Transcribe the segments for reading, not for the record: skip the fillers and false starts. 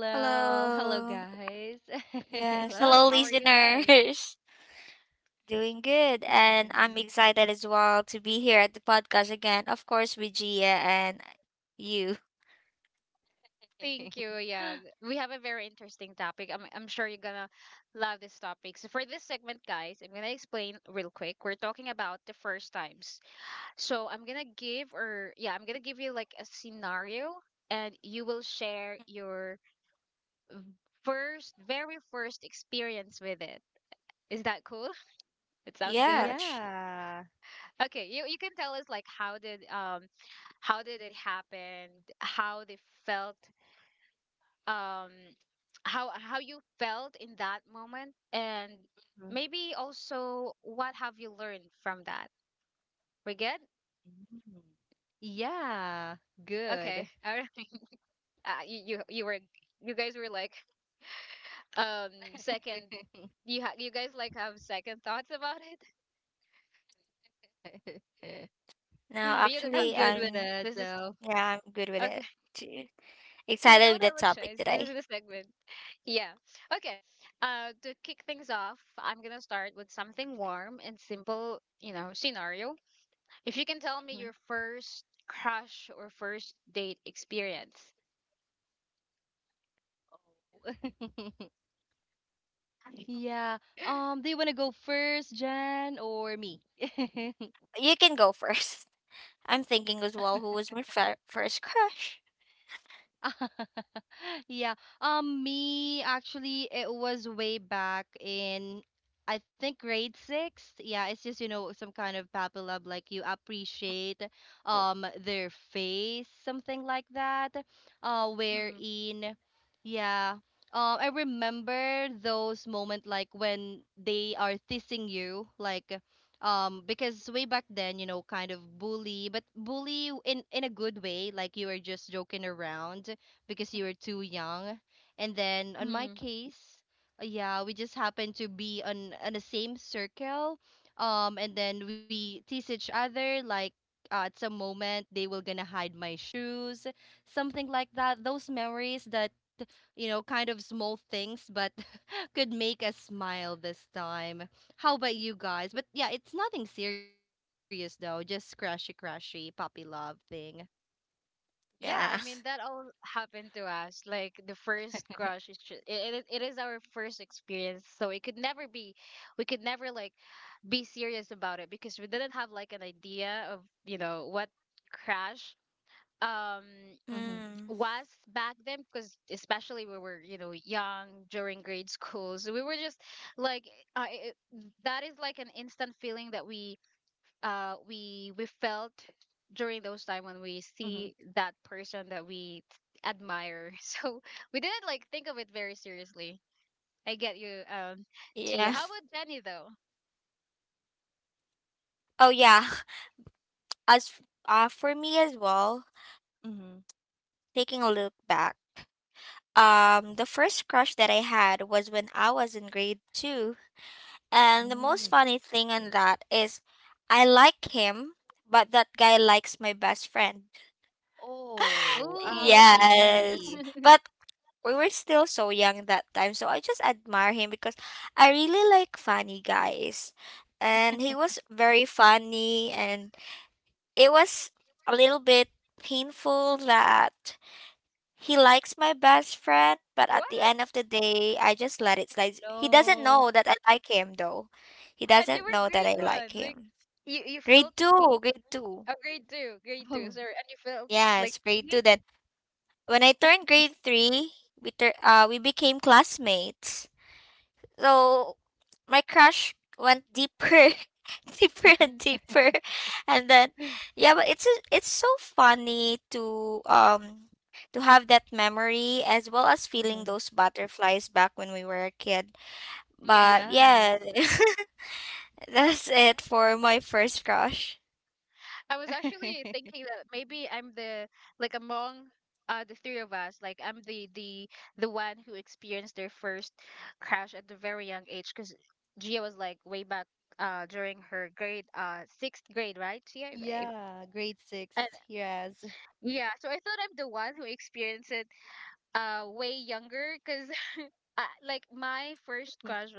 Hello, Hello. hello guys. Yes. Hello, listeners. Doing good. And I'm Yeah. excited as well to be here at the podcast again. Of course, with Gia and you. Yeah. Yeah. Mhm. Yeah, good. No, I'm actually, good with it though. I'm good with it too. Excited with the topic today. Mhm. Yeah. Do you want to go first, Jen, or me? You can go first. I'm thinking as well who was my first crush. Yeah. Me actually, it was way back in, I think grade six. Yeah, it's just, some kind of Pappy like you appreciate their face, something like that. Wherein, yeah. I remember those moment like when they are teasing you, like because way back then, kind of bully but bully in a good way, like you were just joking around because you were too young. And then on my case, yeah, we just happened to be on the same circle, and then we tease each other like, at some moment they will gonna hide my shoes, something like that, those memories that, kind of small things, but could make us smile this time. How about you guys? But yeah, it's nothing serious though, just crashy, crashy puppy love thing. Yeah. Mm-hmm. Hmm. Mm-hmm. Yeah. Oh, yeah. For me as well, Mm-hmm. taking a look back. The first crush that I had was when I was in grade two. And the most Oh, funny thing on that is I like him, but that guy likes my best friend. oh, Yes. ouchie. But we were still so young that time, so I just admire him because I really like funny guys. And he was very funny, and it was a little bit painful that he likes my best friend, but at the end of the day, I just let it slide. He doesn't Oh know no. that I like him, though. He doesn't know that I like him. Grade two, grade two. Oh. Yes, grade two. Then when I turned grade three, we became classmates. So my crush went deeper, deeper and deeper, and then yeah, but it's so funny to have that memory as well as feeling Mm-hmm. those butterflies back when we were a kid. But Yes. yeah, that's it for my first crush. Yeah, grade six. Yes.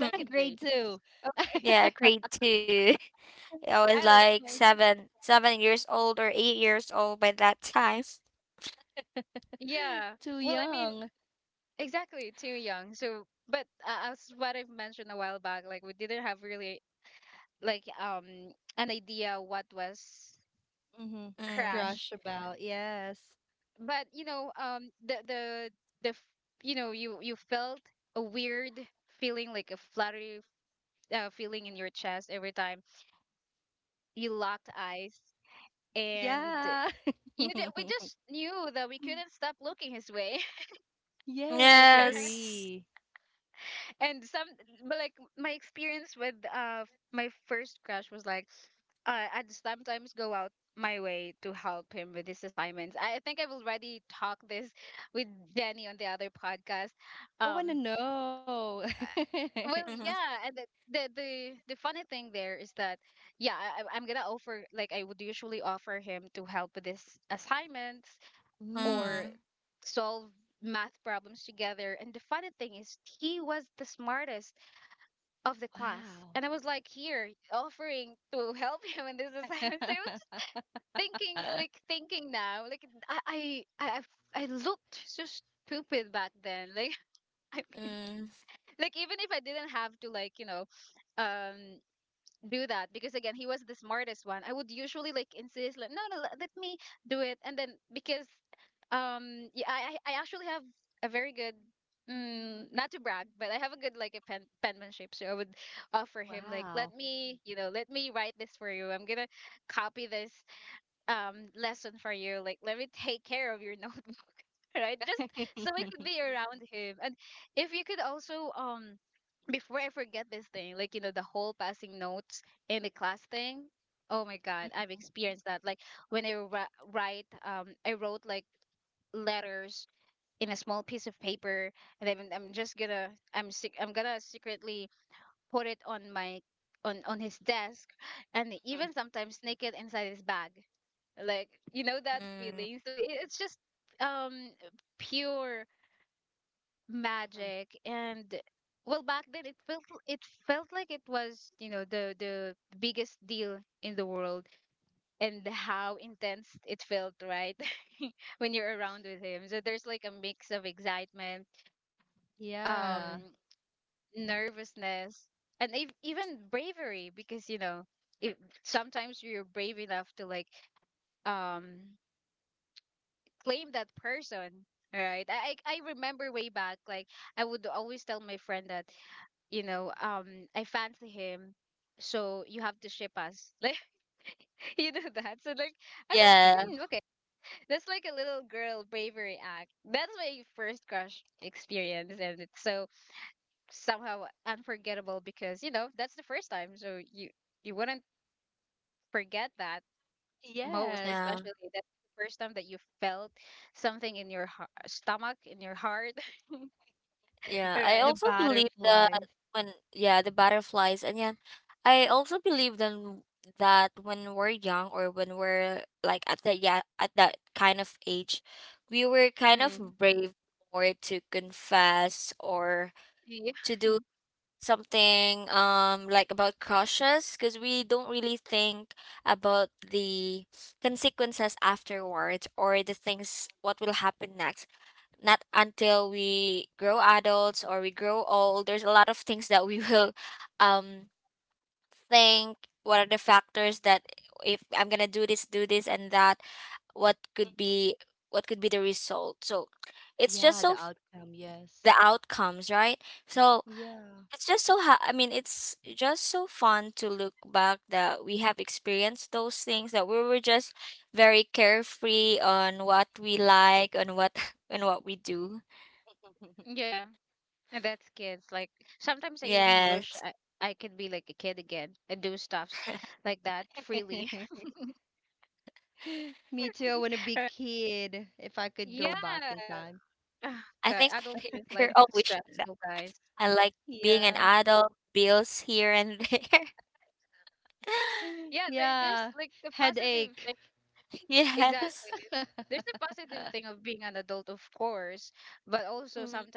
Mhm. Grade two. Yeah, grade two. I was like seven years old or 8 years old by that time. Too young. Mm-hmm. Mm. Crush about. Yes. Yeah. Yes, Yes. agree. I want to know. Mhm. Mm, Mm. wow. Mm, Wow. Mhm, mhm. mm, mm. Yeah. Yeah, Yes. yeah, yeah, I The also believe that butterflies. when, yeah, the butterflies, and yeah, I also believe then that when we're young or when we're like at the yeah at that kind of age, we were kind of brave more to confess or to do something like about crushes because we don't really think about the consequences afterwards or the things what will happen next not until we grow adults or we grow old. There's a lot of things that we will um think what are the factors that if I'm gonna do this and that, what could Mhm. be what could be the result. So it's Yeah, just so the f- outcome, yes. the outcomes, right? So Yeah. it's just so ha- I mean it's just so fun to look back that we have experienced those things that we were just very carefree on what we like on what and what we do. Yes. Me too. I want to be kid if I could go back in time. I think we're all wishing that. I like being an Yeah. adult, bills here and there. Yeah. Headache. Yes. Mm,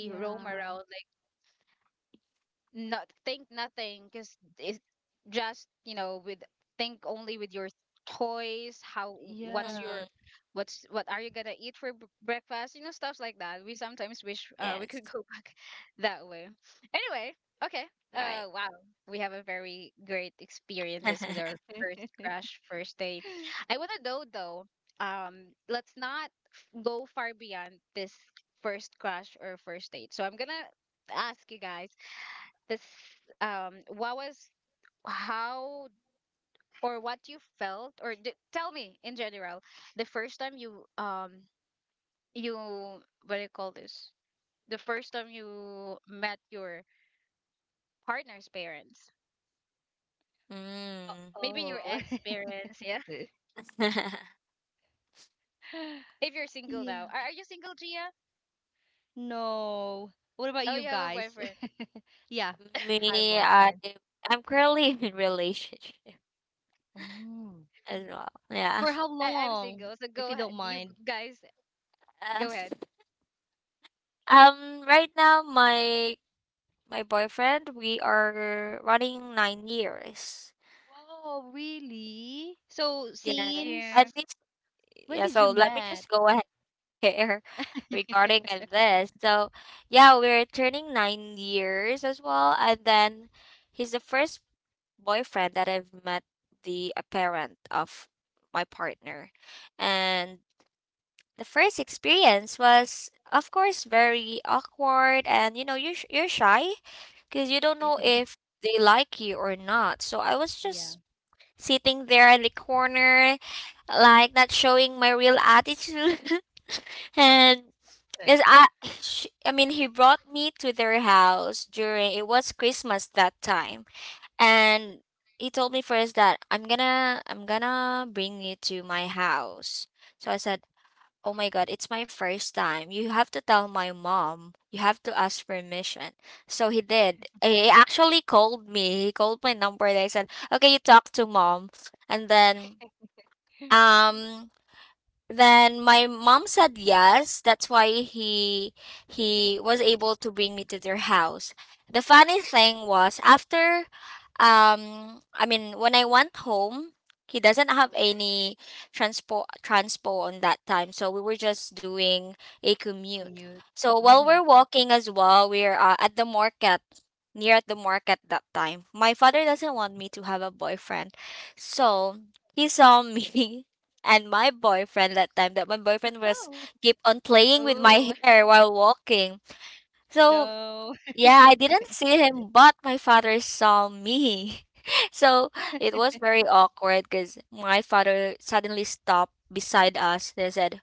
Yeah. Yeah. mm, yes. Right. mm. Oh. Yeah. No. What about you guys? Yeah, had a Me, boyfriend. I'm currently in a relationship Mm. as well. Yeah. For how long, if you don't mind? Uh, Right now, my boyfriend, we are running 9 years. Wow, really? So Yeah. since And it's when yeah. did you So let me met? just go ahead here regarding and this. So yeah, we're turning 9 years as well, and then he's the first boyfriend that I've met, the a parent of my partner, and the first experience was of course very awkward and you know you're shy because you don't know if they like you or not. So I was Yeah, just sitting there in the corner like not showing my real attitude and yes, I mean, he brought me to their house during, it was Christmas that time. And he told me first that I'm gonna bring you to my house. So I said, oh my God, it's my first time. You have to tell my mom. You have to ask permission. So he did. He actually called me. He called my number and I said, okay, you talk to mom. And um, then my mom said yes. That's why he was able to bring me to their house. The funny thing was after, I mean when I went home, he doesn't have any transpo on that time, so we were just doing a commute. commute. So while Mm-hmm. we're walking as well, we're at the market near at the market that time, my father doesn't want me to have a boyfriend. So he saw me and my boyfriend that time, that my boyfriend was Oh, keep on playing with my hair while walking. So no. yeah, I didn't see him, but my father saw me. So it was very awkward because my father suddenly stopped beside us. They said,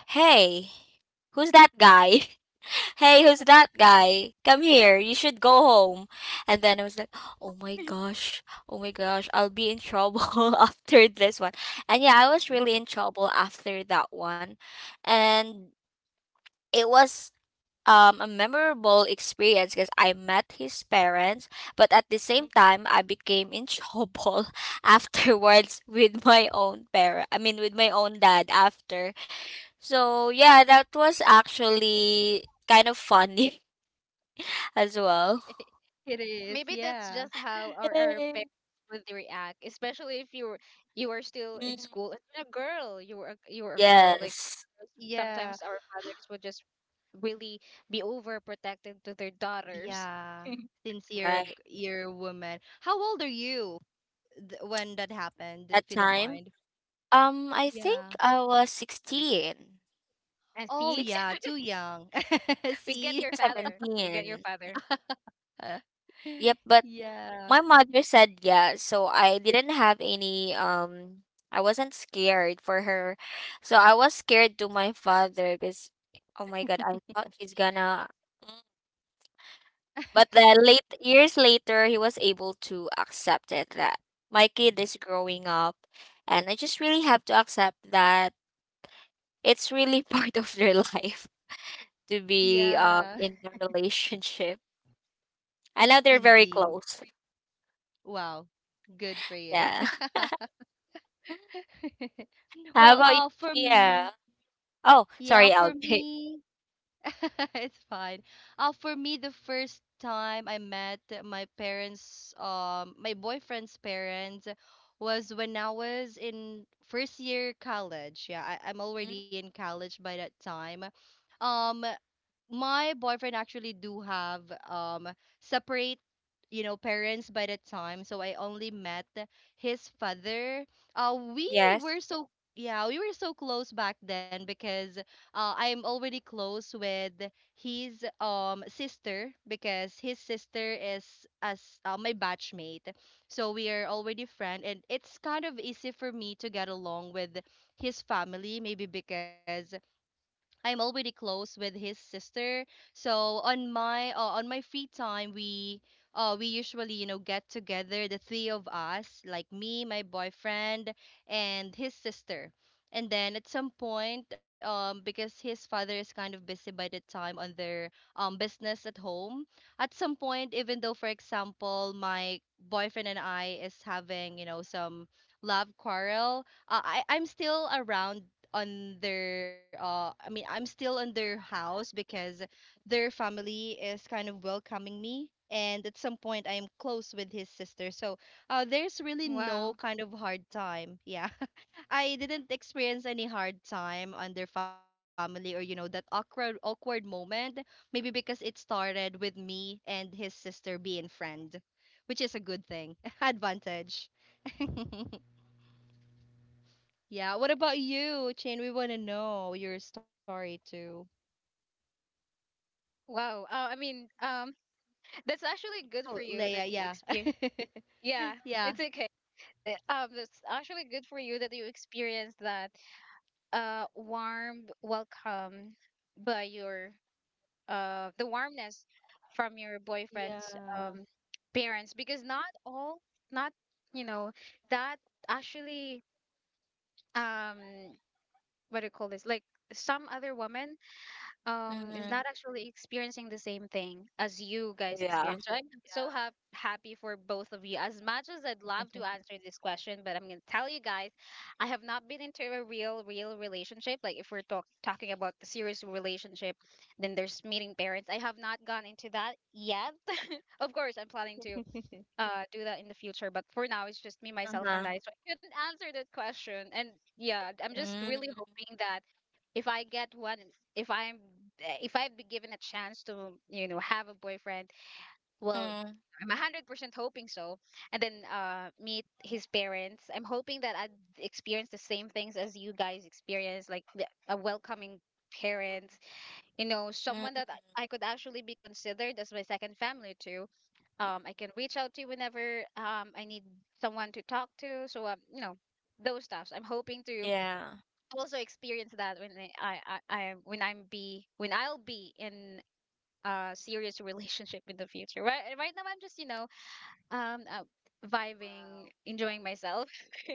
hey, who's that guy? Hey, who's that guy? Come here, you should go home. And then I was like, oh my gosh, oh my gosh, I'll be in trouble after this one. And yeah, I was really in trouble after that one. And it was a memorable experience because I met his parents, but at the same time, I became in trouble afterwards with my own parent. I mean, with my own dad after. So yeah, that was actually kind of funny as well. It is, yeah. Yay. Mm, yes, Yeah. Yeah. Since right. you're a woman. How old are you? When that happened, That if you don't time, mind. I think Yeah. I was 16, Oh yeah, 16, too young. See? 17. Yep, but Yeah. my mother said yes, so I didn't have any I wasn't scared for her, so I was scared to my father because, oh my God, I thought he's gonna. mm, But then late years later, he was able to accept it that my kid is growing up, and I just really have to accept that it's really part of their life to be Yeah. In a relationship. I know they're very Indeed. close. Wow. Good for you. Yeah. How Well, about you, Gia? Oh, sorry, for LJ. me, it's fine. For me, the first time I met my parents, my boyfriend's parents, was when I was in first year college. Yeah, I'm Mm, already in college by that time. Um, my boyfriend actually do have um separate parents by the time, so I only met his father. uh we Yes. were so yeah we were so close back then because, I'm already close with his sister, because his sister is as my batchmate, so we are already friend, and it's kind of easy for me to get along with his family, maybe because I'm already close with his sister. So on my free time, we usually, get together the three of us, like me, my boyfriend, and his sister. And then at some point, because his father is kind of busy by the time on their business at home, at some point, even though, for example, my boyfriend and I is having, some love quarrel, I'm still around on their I mean, I'm still on their house because their family is kind of welcoming me, and at some point I am close with his sister. So, there's really no kind of hard time. Yeah. I didn't experience any hard time on their family, or, that awkward moment, maybe because it started with me and his sister being friend, which is a good thing. Advantage. Yeah. What about you, Chin? We want to know your story too. Wow. That's actually good for Oh, you that Leia. you Yeah. experience. Yeah, Yeah. it's okay. That's actually good for you that you experienced that warm welcome by your the warmness from your boyfriend's Yeah. Parents because not all not you know that actually um what do you call this like some other women is Mm, not actually experiencing the same thing as you guys yeah. experience, right? So happy for both of you. As much as I'd love to answer this question, but I'm gonna tell you guys I have not been into a real relationship. Like if we're talking about the serious relationship, then there's meeting parents. I have not gone into that yet. Of course I'm planning to do that in the future, but for now it's just me, myself Uh-huh. and I, so I couldn't answer that question. And yeah, I'm just really Mm, hoping that if I get one, if i'm if I'd be given a chance to you know have a boyfriend, well, mm, I'm 100% hoping so. And then meet his parents. I'm hoping that I'd experience the same things as you guys experience, like a welcoming parent, you know, someone mm, that I could actually be considered as my second family too. I can reach out to you whenever I need someone to talk to. So you know, those stuffs. I'm hoping to yeah. also experience that when I- when I'm be when I'll be in a serious relationship in the future. Right now I'm just you know um uh, vibing, enjoying myself.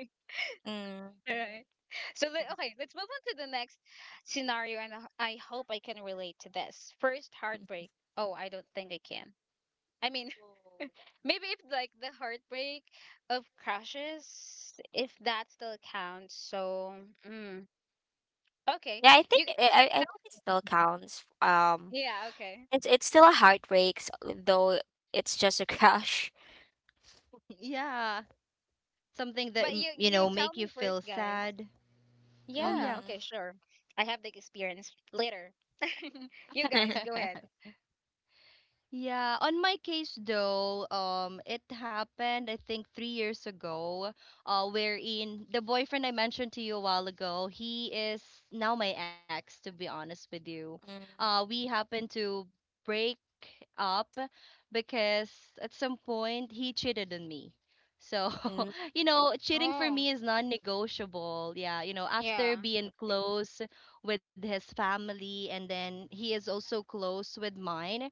Mm. Right. So okay, let's move on to the next scenario. And I hope I can relate to this. First heartbreak. Oh, I don't think I can. I mean, maybe if like the heartbreak of crushes, if that still counts. So, mm, okay. Yeah, I think You I I think it tell, still counts. Um, yeah, okay. It's it's still a heartbreak, though it's just a crush. Yeah. Something that, But you you you know, tell make you me feel first, guys. sad. Oh, Yeah, yeah. okay, Mm-hmm. sure. I have the experience later. You guys, go ahead. Yeah, on my case though, it happened I think 3 years ago, wherein the boyfriend I mentioned to you a while ago, he is now my ex, to be honest with you. We happened to break up because at some point he cheated on me. So, Mm-hmm. you know, cheating for Oh, me is non-negotiable. Yeah, yeah, after being close with his family, and then he is also close with mine,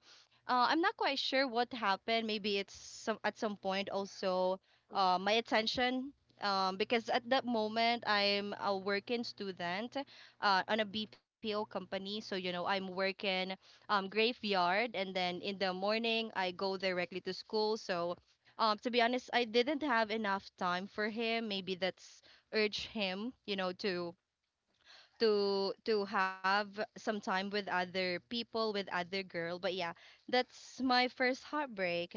I'm not quite sure what happened. Maybe it's some at some point, also, my attention. Because at that moment I'm a working student, on a BPO company. So, I'm working graveyard, and then in the morning I go directly to school. So. To be honest, I didn't have enough time for him. Maybe that's urged him, to have some time with other people, with other girl. But yeah, that's my first heartbreak.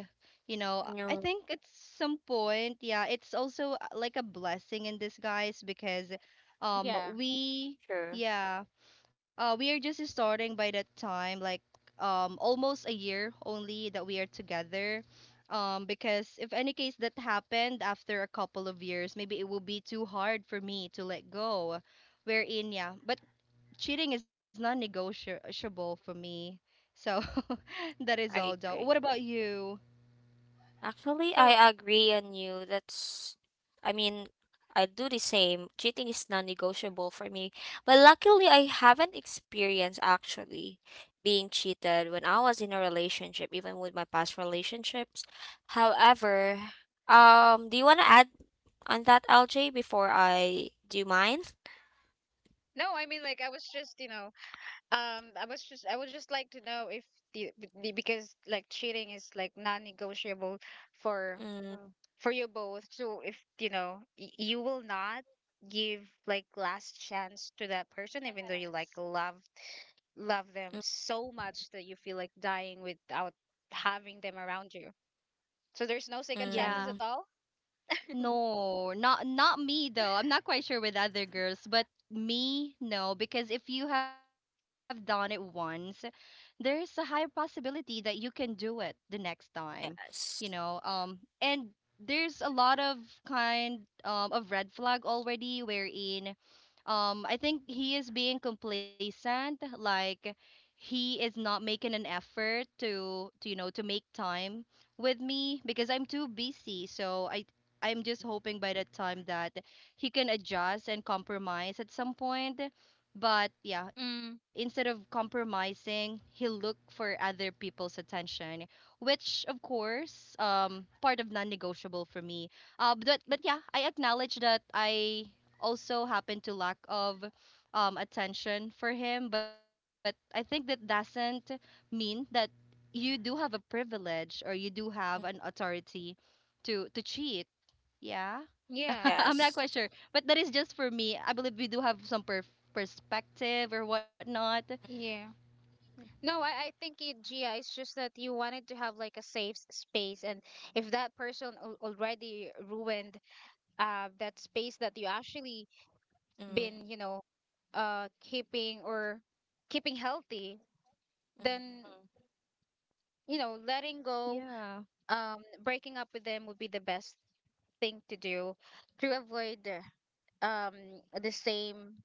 I No, think at some point, yeah, it's also, like a blessing in disguise, because yeah. we sure. yeah, we are just starting by that time, like, almost a year only that we are together. Because if any case that happened after a couple of years, maybe it will be too hard for me to let go, wherein, yeah. But cheating is non-negotiable for me, so that is all I though. What agree. about you? Actually, So, I agree on you. That's, I mean, I do the same. Cheating is non-negotiable for me. But luckily, I haven't experienced actually being cheated when I was in a relationship, even with my past relationships. However, do you want to add on that, LJ, before I do mine? no, I mean, like, I was just, you know, I was just, I would just like to know if the, the, because like cheating is like non-negotiable for Mm, for you both. So if you know you will not give like last chance to that person, even though you like love them mm, so much that you feel like dying without having them around you. So there's no second Yeah, chances mm, at all. no, not me though. I'm not quite sure with other girls, but me, no, because if you have done it once, there's a higher possibility that you can do it the next time. Yes. And there's a lot kind of red flag already, wherein, I think he is being complacent, like he is not making an effort to you know to make time with me because I'm too busy, so I'm just hoping by the time that he can adjust and compromise at some point. But yeah, instead Mm, of compromising, he'll look for other people's attention, which, of course, part of non-negotiable for me. But yeah, I acknowledge that I also happen to lack of attention for him. But I think that doesn't mean that you do have a privilege, or you do have an Mm, authority to cheat, yeah. yeah, I'm not yes. quite sure. But that is just for me. I believe we do have some perspective or whatnot. yeah. No, I think it, Gia, it's just that you wanted to have like a safe space, and if that person al already ruined that space that you actually Mm, mm, been, you know, keeping or keeping healthy, mm, then you know letting go Yeah. um breaking up with them would be the best thing to do, to avoid um the same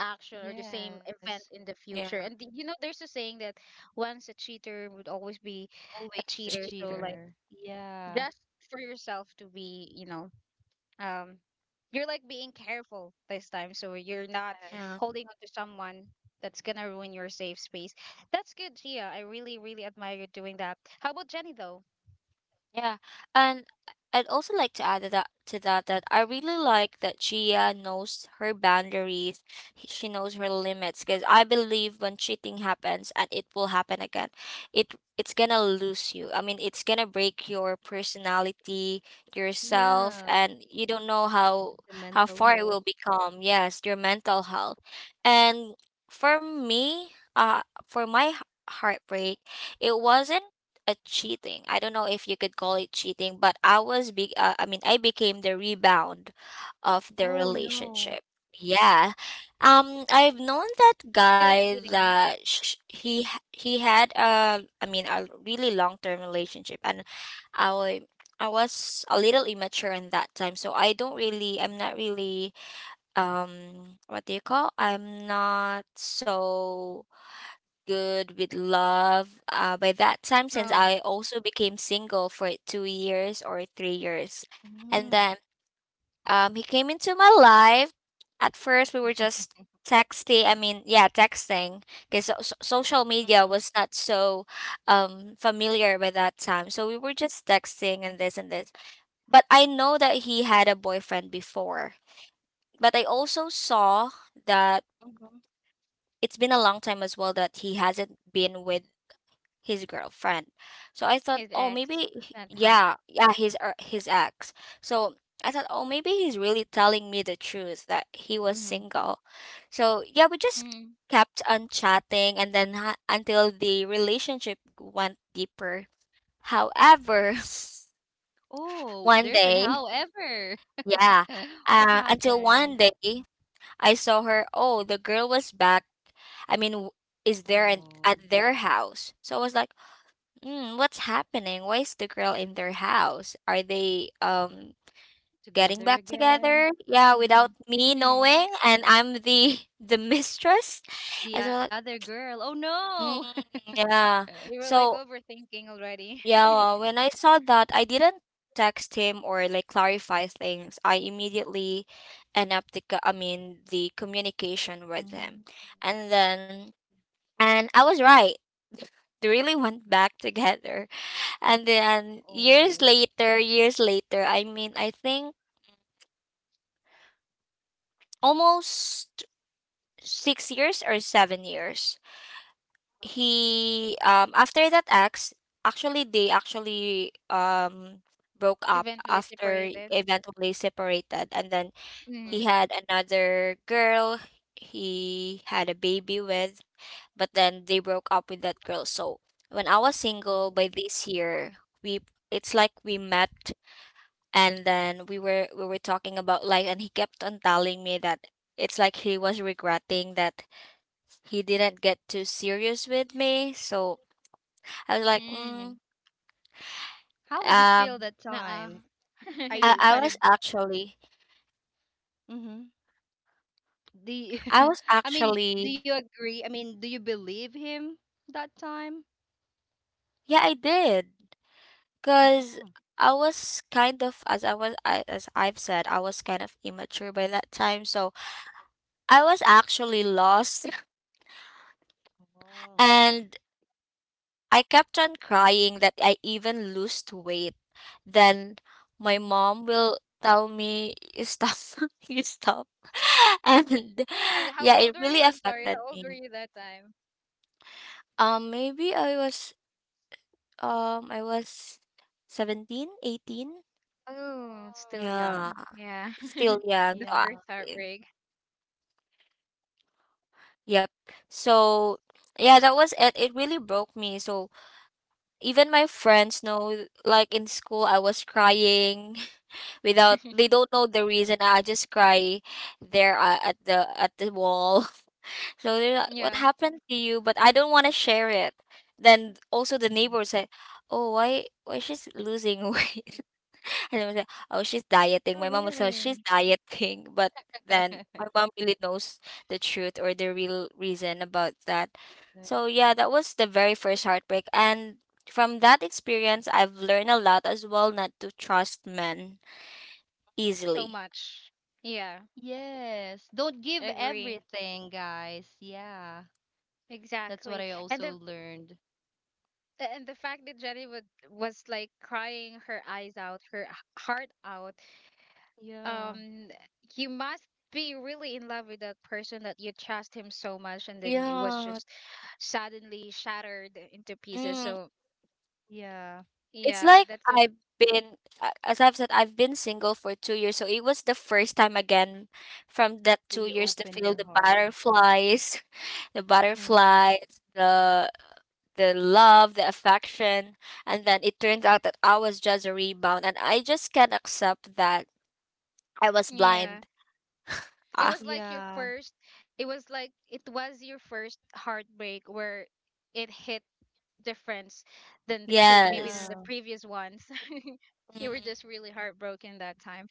action or the same Yes. event in the yeah, future. And you know, there's a saying that once a cheater would always be a Always a cheater, so cheaper. like cheater. Yeah. just for yourself to be you know um you're like being careful this time so you're not Yeah. Yes. holding on to someone that's gonna ruin your safe space. That's good, Gia. I really, really admire you doing that. How about Jenny, though? Yeah, and I'd also like to add to that that I really like that Gia knows her boundaries. She knows her limits because I believe when cheating happens and it will happen again, it's gonna lose you. I mean, it's gonna break your personality, Yeah. yourself, and you don't The know mental health. how far it will become. Yes, your mental health. And for me, heartbreak, it wasn't a cheating. I don't know if you could call it cheating, but I was be I mean I became the rebound of the Oh, relationship. no. Yeah. I've known that Still guy cheating. that he had a I mean a really long-term relationship and I wa- I was a little immature in that time, so I'm not really what do you call? I'm not so good with love by that time since I Um, also became single for 2 years or 3 years. Mm-hmm. And then he came into my life. At first, we were just texting. I mean, yeah, texting because social media was not so familiar by that time. So we were just texting and this and this. But I know that he had a boyfriend before. But I also saw that Mm-hmm. it's been a long time as well that he hasn't been with his girlfriend. So I thought, his oh, maybe, ex that time. His ex. So I thought, oh, maybe he's really telling me the truth that he was Mm-hmm. Mhm. single. So yeah, we just Mm. kept on chatting, and then until the relationship went deeper. However, Oh, one there's an day, however. yeah, What until one happened? day I saw her. Oh, the girl was back. I mean, is there an, Oh, at their house? So I was like, mm, what's happening? Why is the girl in their house? Are they getting together back together? again. Yeah, without Mm-hmm. me Mm. knowing, and I'm the the mistress. And The so, like, other girl. Oh, no. mm, yeah. You were like So overthinking already. yeah, well, when I saw that, I didn't text him or like clarify things. I immediately end up the co- I mean the communication with him, and then and I was right. They really went back together. And then years later, I mean, I think almost 6 years or 7 years. He after that ex, actually they actually broke up, Eventually after separated. eventually separated, and then he Mm. had another girl he had a baby with, but then they broke up with that girl. So when I was single by this year, we it's like we met and then we were talking about life and he kept on telling me that it's like he was regretting that he didn't get too serious with me. So I was Oh. like, Mm. How would you feel that um Nuh-uh. time? Are you I, I kind of? was actually Mm-hmm. Do you, i was I mean, do actually you agree? I mean, do you believe him that time? yeah I did because Mm, I was kind of as I've said I was kind of immature by that time. So I was actually lost and I kept on crying that I even lost weight. Then my mom will tell me, you stop, you stop. And And how yeah, old it were really you? I'm sorry. affected How old were me. you that time? Um, maybe I was, I was 17, 18. Oh, still Yeah, young. Yeah. still young. The So, yeah. first heartbreak. yep. So yeah, that was it. It really broke me. So even my friends know, like in school, I was crying. Without they don't know the reason. I just cry there at the wall. So they're like, "What Yeah. happened to you?" But I don't want to share it. Then also the neighbor said, "Oh, why she's losing weight?" And I was like, "Oh, she's dieting." My Oh, mom was like, "She's really? dieting," but then my mom really knows the truth or the real reason about that. So yeah, that was the very first heartbreak and from that experience I've learned a lot as well not to trust men So easily. much. Yeah, Yes. Don't give agree. everything, guys. Yeah. That's what I Exactly. also And the learned. And the fact that Jenny would was like crying her eyes out, her heart out. Yeah. Um, you must be really in love with that person that you trust him so much, and then it was Yeah, just suddenly shattered into pieces. mm, So Yeah. it's yeah, like that's a I've as I've said, I've been single for 2 years, so it was the first time again from that That two you years to open feel your the heart. butterflies, the butterflies, the the love, the affection, and then it turns out that I was just a rebound, and I just can't accept that I was yeah. blind. It Ah, was like your Yeah. first. It was like it was your first heartbreak where it hit difference than the pre, maybe than yes, the Yeah. previous ones. You were just mm, really heartbroken that time.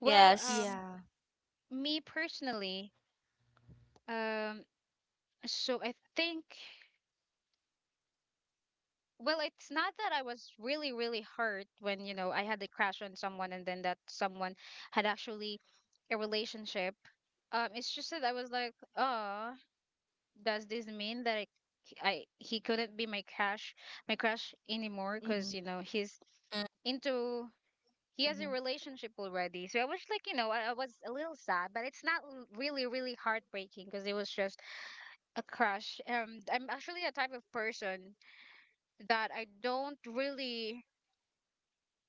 Well, yes, Yeah. me personally, um, so I think, well, it's not that I was really, really hurt when, you know, I had a crash on someone and then that someone had actually a relationship. It's just that I was like, oh, does this mean that I he couldn't be my my crush anymore? Because, you know, he's mm, into, he has a relationship already. So I was like, you know, I was a little sad, but it's not really, really heartbreaking because it was just a crush. I'm actually a type of person that I don't really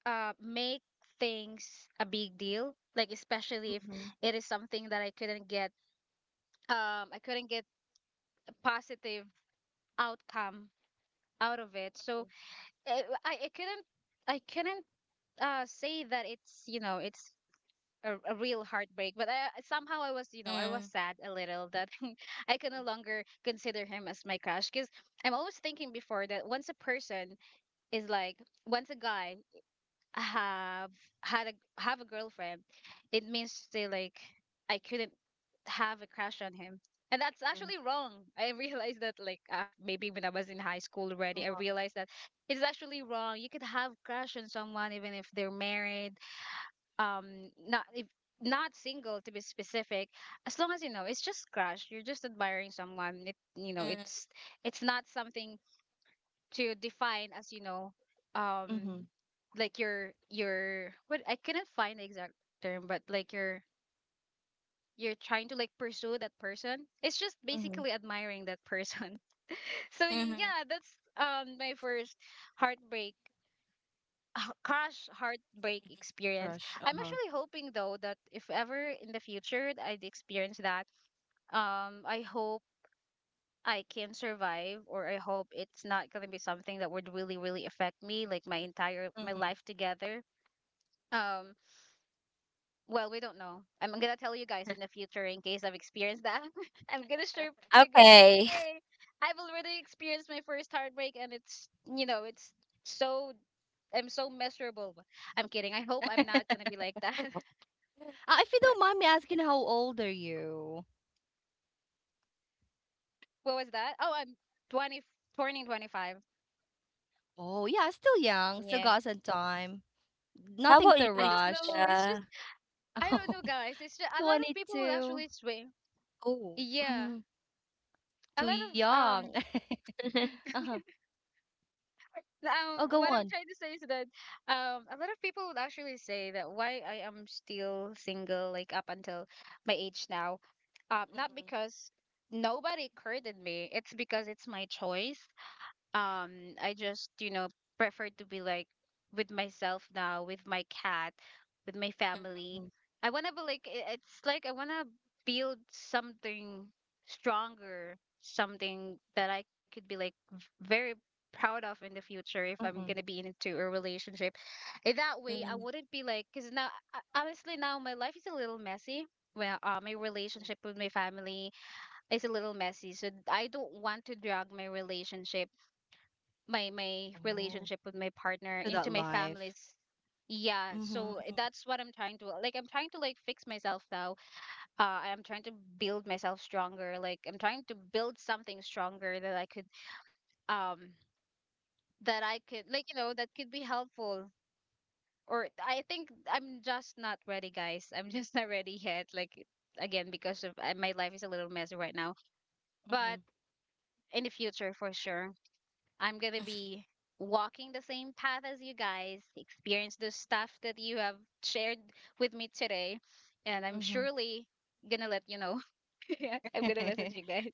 make things a big deal. Like especially if it is something that I couldn't get a positive outcome out of it. So I, I, I couldn't, I couldn't say that it's you know it's a real heartbreak. But I somehow I was, you know, I was mm, sad a little that I can no longer consider him as my crush, because I'm always thinking before that once a person is like once a guy have had a have a girlfriend, it means they like I couldn't have a crush on him. And that's actually wrong. I realized that like af maybe when I was in high school Uh-huh. already, I realized that it's actually wrong. You could have crush on someone even if they're married, not if not single to be specific. As long as you know, it's just crush. You're just admiring someone. It you know, mm, it's not something to define as you know um Mm-hmm. like your what I couldn't find the exact term, but like you're trying to like pursue that person. It's just basically admiring that person. So mhm. yeah, that's my first heartbreak, crush heartbreak experience. Crush. I'm Uh-huh. actually hoping though that if ever in the future I'd experience that, I hope I can survive, or I hope it's not going to be something that would really, really affect me, like my entire my life together. Um, well, we don't know. I'm gonna tell you guys in the future in case I've experienced that. I'm gonna sure ping you guys like, Okay. hey, I've already experienced my first heartbreak, and it's you know, it's so I'm so miserable. I'm kidding. I hope I'm not gonna be like that. If you don't mind me asking, how old are you? What was that? Oh, I'm 20, turning 25. Oh, yeah, still young. Still Yeah. got some time. How Nothing about you, to I don't rush. know. It's just Gia? I don't Oh, know, guys. It's just a lot of twenty people will actually two. swing. Oh. Yeah, 22. Mhm. a lot Too of young. Uh-huh. Oh, what go I'm trying on. to say is that a lot of people would actually say that why I am still single like up until my age now. Um, not Mhm, because nobody courted me, it's because it's my choice. um I just you know prefer to be like with myself now, with my cat, with my family. I want to be like it's like I want to build something stronger, something that I could be like very proud of in the future if I'm mhm, going to mhm. be into a relationship. In that way I mm wouldn't be like cuz now honestly now my life is a little messy. Well my relationship with my family is a little messy, so I don't want to drag my relationship my Oh, relationship with my to partner that into my life. family's, yeah. So Mhm. that's what I'm trying to like I'm trying to like fix myself now. I'm trying to build myself stronger, like I'm trying to build something stronger that I could um that I could like you know that could be helpful. Or I think I'm just not ready, guys. I'm just not ready yet, like again because of my life is a little messy right now. But in the future for sure I'm going to be walking the same path as you guys, experience the stuff that you have shared with me today. And I'm Mhm, mhm. surely going to let you know. Yeah, I'm going to message you guys.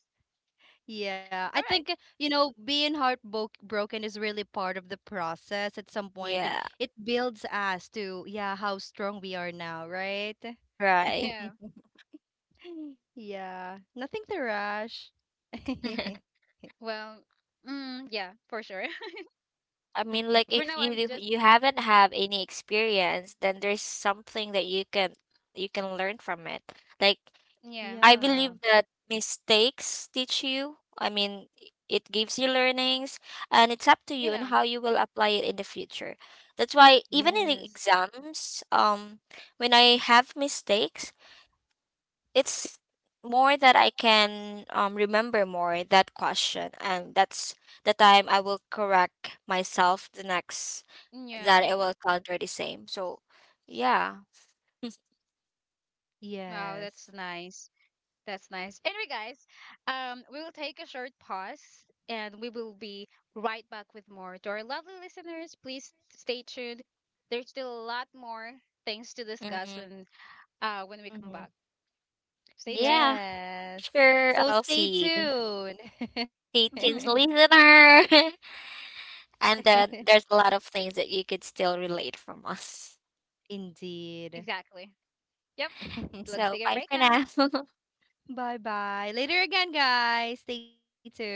Yeah, I All right. think, being heartbroken is really part of the process at some point. Yeah, It builds us to, yeah, how strong we are now, right? right. Yeah. Yeah, nothing to rush. Well, mm, yeah, for sure. I mean, like For if now, you I'm just, you mm, haven't have any experience, then there's something that you can learn from it. Like yeah. I Yeah, believe that mistakes teach you. I mean, it gives you learnings, and it's up to you on Yeah. how you will apply it in the future. That's why even in the yes, exams, when I have mistakes, it's more that I can remember more that question, and that's the time I will correct myself the next Yeah. that it will counter the same. So, yeah, Wow, that's yes. nice. That's nice. Anyway, guys, we will take a short pause and we will be right back with more. To our lovely listeners, please stay tuned. There's still a lot more things to discuss hmm when we come Hmm, back. Stay yeah, tuned. yes. sure, So I'll stay see. tuned. See, teens listener, and then there's a lot of things that you could still relate from us. Indeed. Exactly. Yep. Let's take a So, break bye now. for now. Bye bye. Later again, guys. Stay tuned.